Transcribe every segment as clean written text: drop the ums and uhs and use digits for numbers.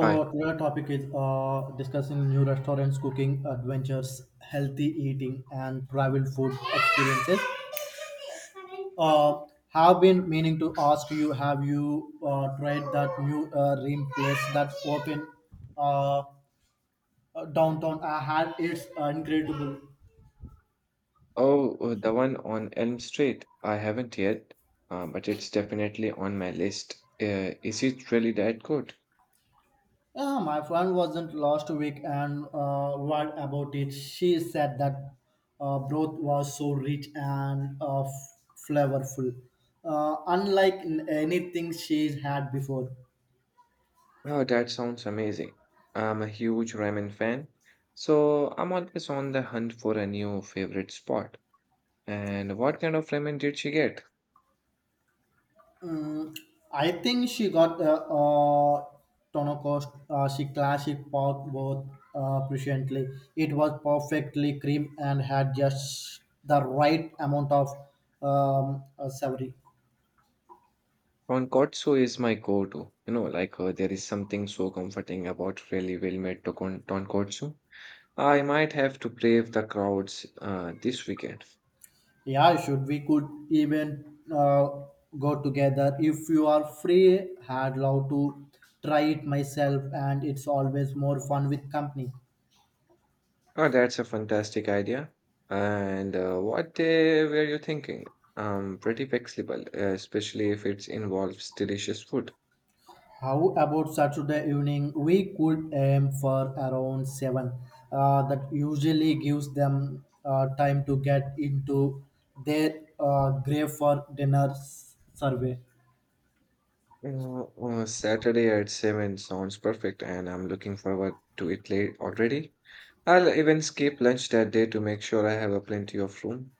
Hi. today topic is discussing new restaurants, cooking adventures, healthy eating, and travel food experiences. Uh, have been meaning to ask you: Have you tried that new rim place that opened uh, downtown? I had it's incredible. Oh, the one on Elm Street. I haven't yet, but it's definitely on my list. Is it really that good? Yeah, my friend wasn't last week and worried about it. She said that broth was so rich and flavorful, unlike anything she's had before. Wow, that sounds amazing. I'm a huge ramen fan, so I'm always on the hunt for a new favorite spot. And what kind of ramen did she get? Mm, I think she got Tonocost she classic pork broth presciently. It was perfectly cream and had just the right amount of savory. Tonkotsu is my go-to. You know, like there is something so comforting about really well-made tonkotsu. I might have to brave the crowds this weekend. Yeah, should we could even go together if you are free. I'd love to try it myself, and it's always more fun with company. Oh, that's a fantastic idea. And what day were you thinking? I'm pretty flexible, especially if it involves delicious food. How about Saturday evening? We could aim for around 7. That usually gives them time to get into their grave for dinner survey. Saturday at 7 sounds perfect, and I'm looking forward to it late already. I'll even skip lunch that day to make sure I have a plenty of room.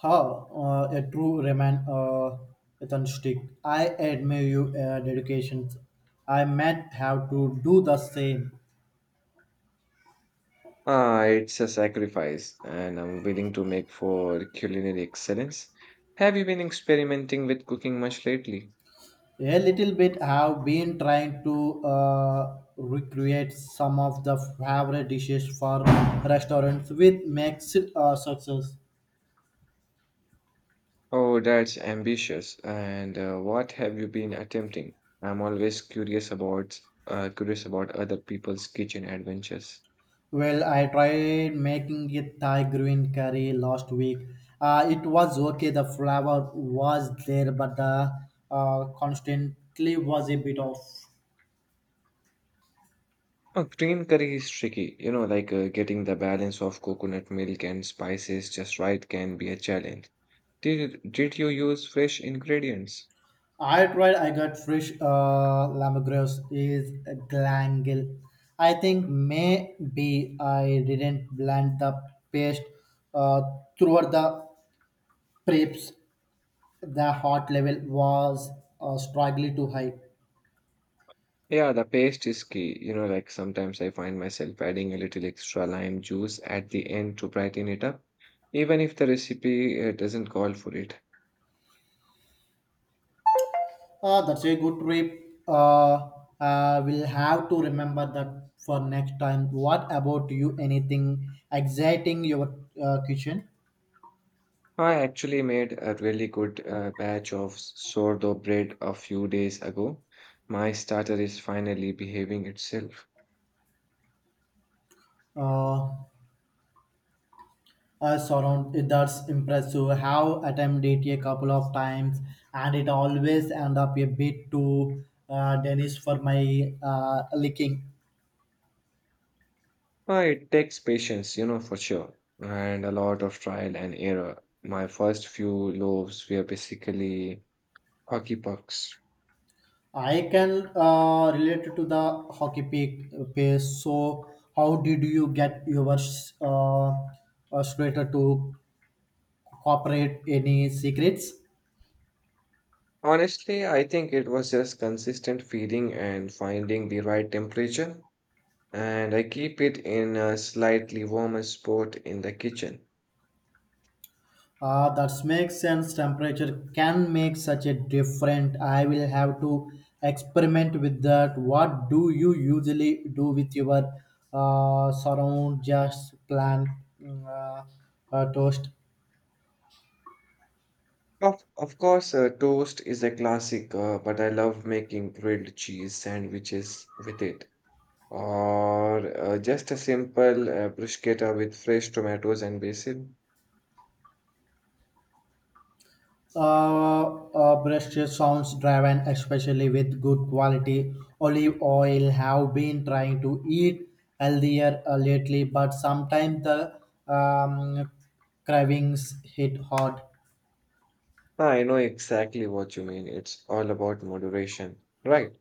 How a true remain authentic. I admire you dedication. I might have to do the same. Ah, it's a sacrifice, and I'm willing to make for culinary excellence. Have you been experimenting with cooking much lately? A little bit have been trying to recreate some of the favorite dishes for restaurants with mixed success. Oh, that's ambitious. And what have you been attempting? I'm always curious about other people's kitchen adventures. Well, I tried making a Thai green curry last week. It was okay, the flavor was there, but the constantly was a bit off. Oh, green curry is tricky. You know, like getting the balance of coconut milk and spices just right can be a challenge. Did you use fresh ingredients? I tried. I got fresh lemongrass is glangal. I think maybe I didn't blend the paste uh, throughout the preps. The hot level was strongly too high. Yeah, the paste is key. You know, like sometimes I find myself adding a little extra lime juice at the end to brighten it up, even if the recipe doesn't call for it. That's a good trip. We'll have to remember that for next time. What about you? Anything exciting your kitchen? I actually made a really good batch of sourdough bread a few days ago. My starter is finally behaving itself. Uh, surround that's impressive have attempted it a couple of times and it always end up a bit too dense for my liking. It takes patience, you know, for sure, and a lot of trial and error. My first few loaves were basically hockey pucks. I can relate to the hockey pick pace, so how did you get your slater to cooperate? Any secrets? Honestly, I think it was just consistent feeding and finding the right temperature, and I keep it in a slightly warmer spot in the kitchen. That makes sense. Temperature can make such a difference. I will have to experiment with that. What do you usually do with your surround, just plant uh, toast? Of course, toast is a classic, but I love making grilled cheese sandwiches with it. Or just a simple bruschetta with fresh tomatoes and basil. Brush sounds driven, especially with good quality olive oil. Have been trying to eat healthier lately, but sometimes the um, cravings hit hard. Ah, I know exactly what you mean. It's all about moderation, right?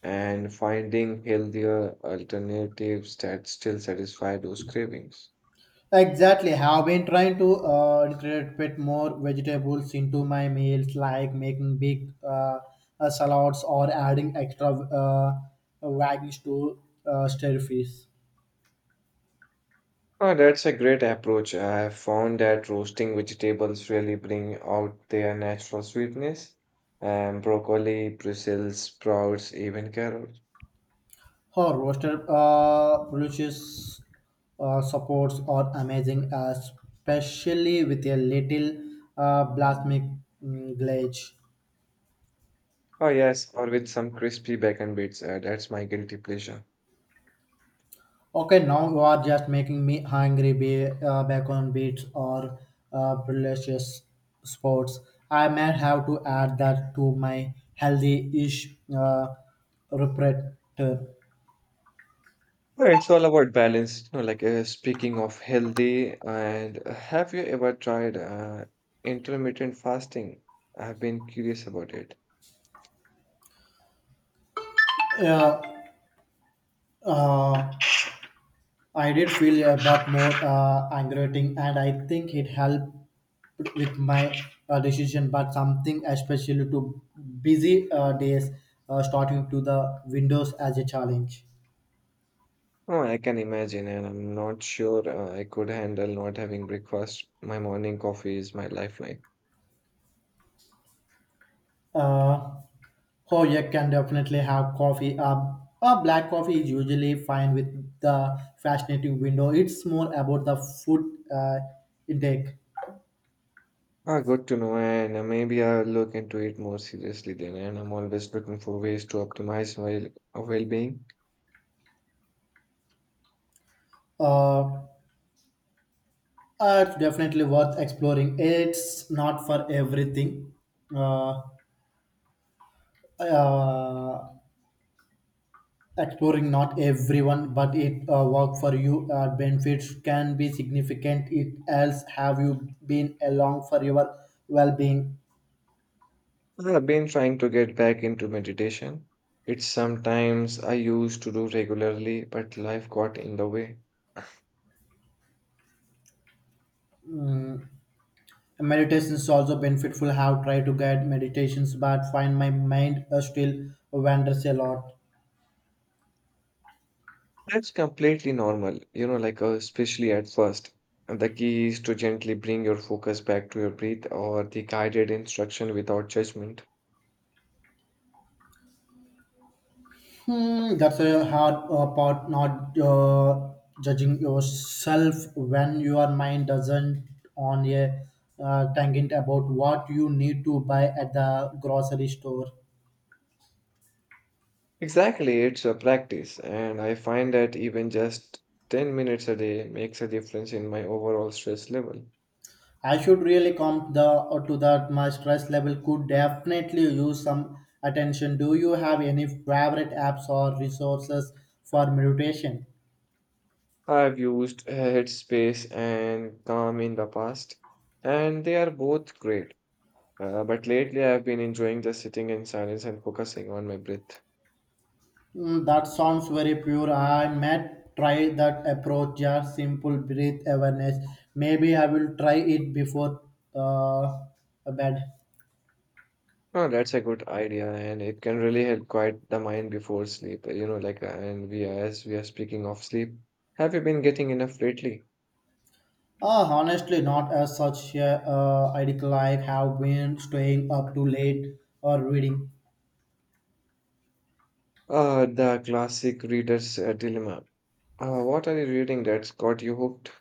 And finding healthier alternatives that still satisfy those cravings. Exactly. Have been trying to integrate bit more vegetables into my meals, like making big salads or adding extra veggies to stir fish. Oh, that's a great approach. I have found that roasting vegetables really bring out their natural sweetness. And broccoli, Brussels sprouts, even carrots. Her roasted delicious supports are amazing, especially with a little balsamic glaze. Oh yes, or with some crispy bacon bits. That's my guilty pleasure. Okay, now you are just making me hungry. Be bacon beats or delicious sports. I may have to add that to my healthy-ish repertoire. Oh, it's all about balance. You know, like speaking of healthy, and have you ever tried intermittent fasting? I've been curious about it. Uh, uh, I did feel a bit more aggravating, and I think it helped with my decision. But something especially to busy days, starting to the windows as a challenge. Oh, I can imagine, and I'm not sure I could handle not having breakfast. My morning coffee is my lifeline. Uh, oh, you can definitely have coffee. A black coffee is usually fine with the fascinating window. It's more about the food intake. Ah, good to know, and maybe I'll look into it more seriously then. And I'm always looking for ways to optimize my well-being. Uh, it's definitely worth exploring. It's not for everything. Uh, uh, exploring not everyone, but it work for you. Benefits can be significant. It else have you been along for your well-being. Well, I've been trying to get back into meditation. It's sometimes I used to do regularly, but life got in the way. Mm, meditations also beneficial. Have tried to guide meditations but find my mind still wanders a lot. That's completely normal, you know, like especially at first. And the key is to gently bring your focus back to your breath or the guided instruction without judgment. Hmm, that's a hard part, not judging yourself when your mind doesn't on a tangent about what you need to buy at the grocery store. Exactly, it's a practice, and I find that even just 10 minutes a day makes a difference in my overall stress level. I should really come the or to that. My stress level could definitely use some attention. Do you have any favorite apps or resources for meditation? I've used Headspace and Calm in the past, and they are both great. But lately, I've been enjoying just sitting in silence and focusing on my breath. Mm, that sounds very pure. I might try that approach, just simple breath awareness. Maybe I will try it before uh, bed. Oh, that's a good idea, and it can really help quiet the mind before sleep. You know, like, and we as we are speaking of sleep, have you been getting enough lately? Ah, honestly, not as such a ideal. I have been staying up too late or reading. The classic reader's dilemma. What are you reading that's got you hooked?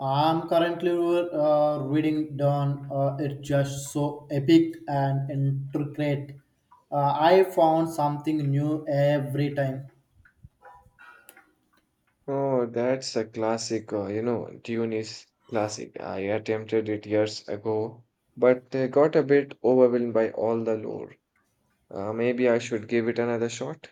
I'm currently reading Dawn. It's just so epic and intricate. I found something new every time. Oh, that's a classic, you know, Dune is classic. I attempted it years ago, but got a bit overwhelmed by all the lore. Maybe I should give it another shot.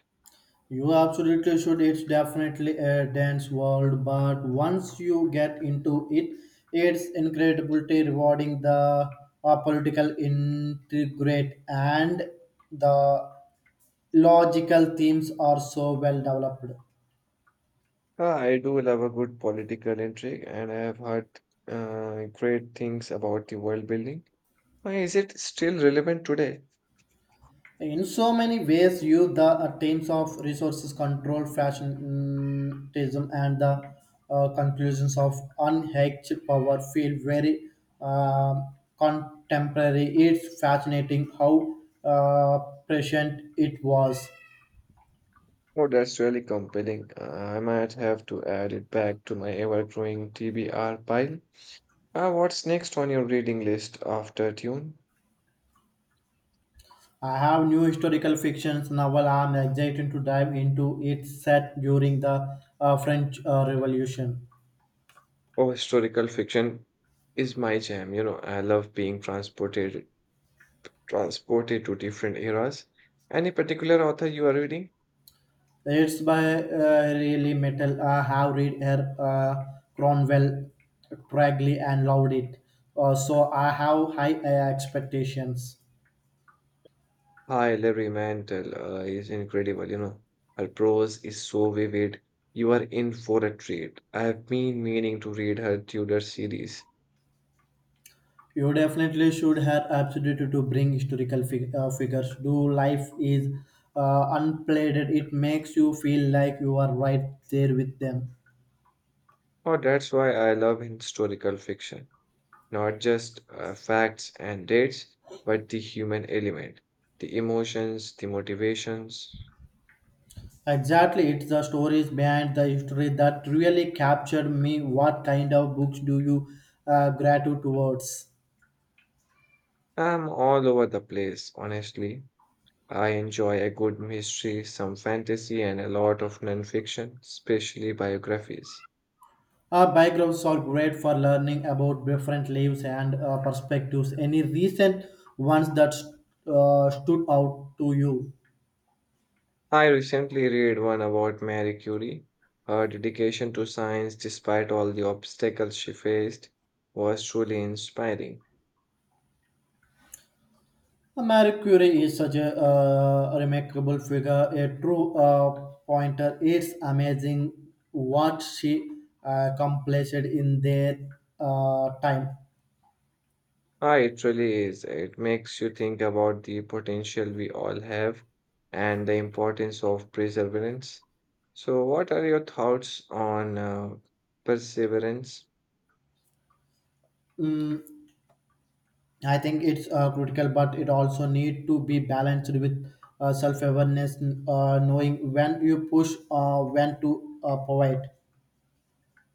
You absolutely should. It's definitely a dance world, but once you get into it, it's incredibly rewarding. The political integrate and the logical themes are so well developed. Ah, I do love a good political intrigue, and I have heard great things about the world building. Why is it still relevant today? In so many ways, you the terms of resources control, fashionism, and the conclusions of unhedged power feel very uh, contemporary. It's fascinating how uh, prescient it was. Oh, that's really compelling. I might have to add it back to my ever-growing TBR pile. What's next on your reading list after Dune? I have new historical fictions novel. I'm excited to dive into it, set during the French Revolution. Oh, historical fiction is my jam. You know, I love being transported to different eras. Any particular author you are reading? It's by really metal. I have read her Cromwell, Cragley, and loved it. So I have high expectations. Hi, Larry Mantle is incredible, you know. Her prose is so vivid. You are in for a treat. I have been meaning to read her Tudor series. You definitely should have absolutely to bring historical figures. Do life is unplayed. It makes you feel like you are right there with them. Oh, that's why I love historical fiction. Not just facts and dates, but the human element, the emotions, the motivations. Exactly, it's the stories behind the history that really captured me. What kind of books do you gravitate towards? I'm all over the place, honestly. I enjoy a good mystery, some fantasy, and a lot of nonfiction, especially biographies. Backgrounds are great for learning about different lives and perspectives. Any recent ones that stood out to you? I recently read one about Marie Curie. Her dedication to science, despite all the obstacles she faced, was truly inspiring. Marie Curie is such a remarkable figure, a true pointer. It's amazing what she accomplished in their time. Ah, it really is. It makes you think about the potential we all have and the importance of perseverance. So, what are your thoughts on perseverance? Mm, I think it's critical, but it also need to be balanced with self-awareness, knowing when you push, when to provide.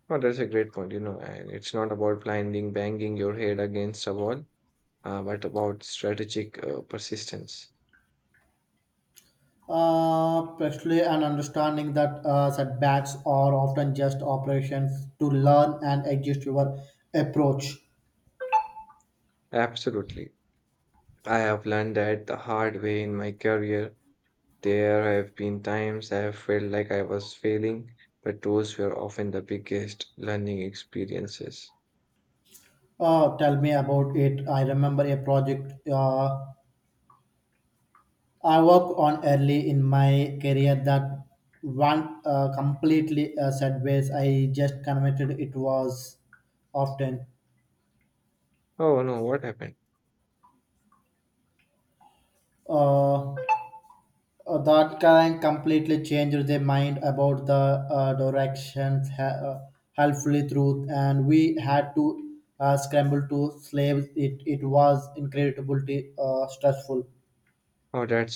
Oh, that's a great point. You know, and it's not about blinding, banging your head against a wall, but about strategic persistence. Especially an understanding that setbacks are often just operations to learn and adjust your approach. Absolutely. I have learned that the hard way in my career. There have been times I have felt like I was failing, but those were often the biggest learning experiences. Tell me about it. I remember a project. I work on early in my career that one completely sideways. I just commented it was often. Oh no, what happened? uh, uh, that can completely change their mind about the directions helpfully truth, and we had to scramble to slaves it. It was incredibly stressful. Oh, that's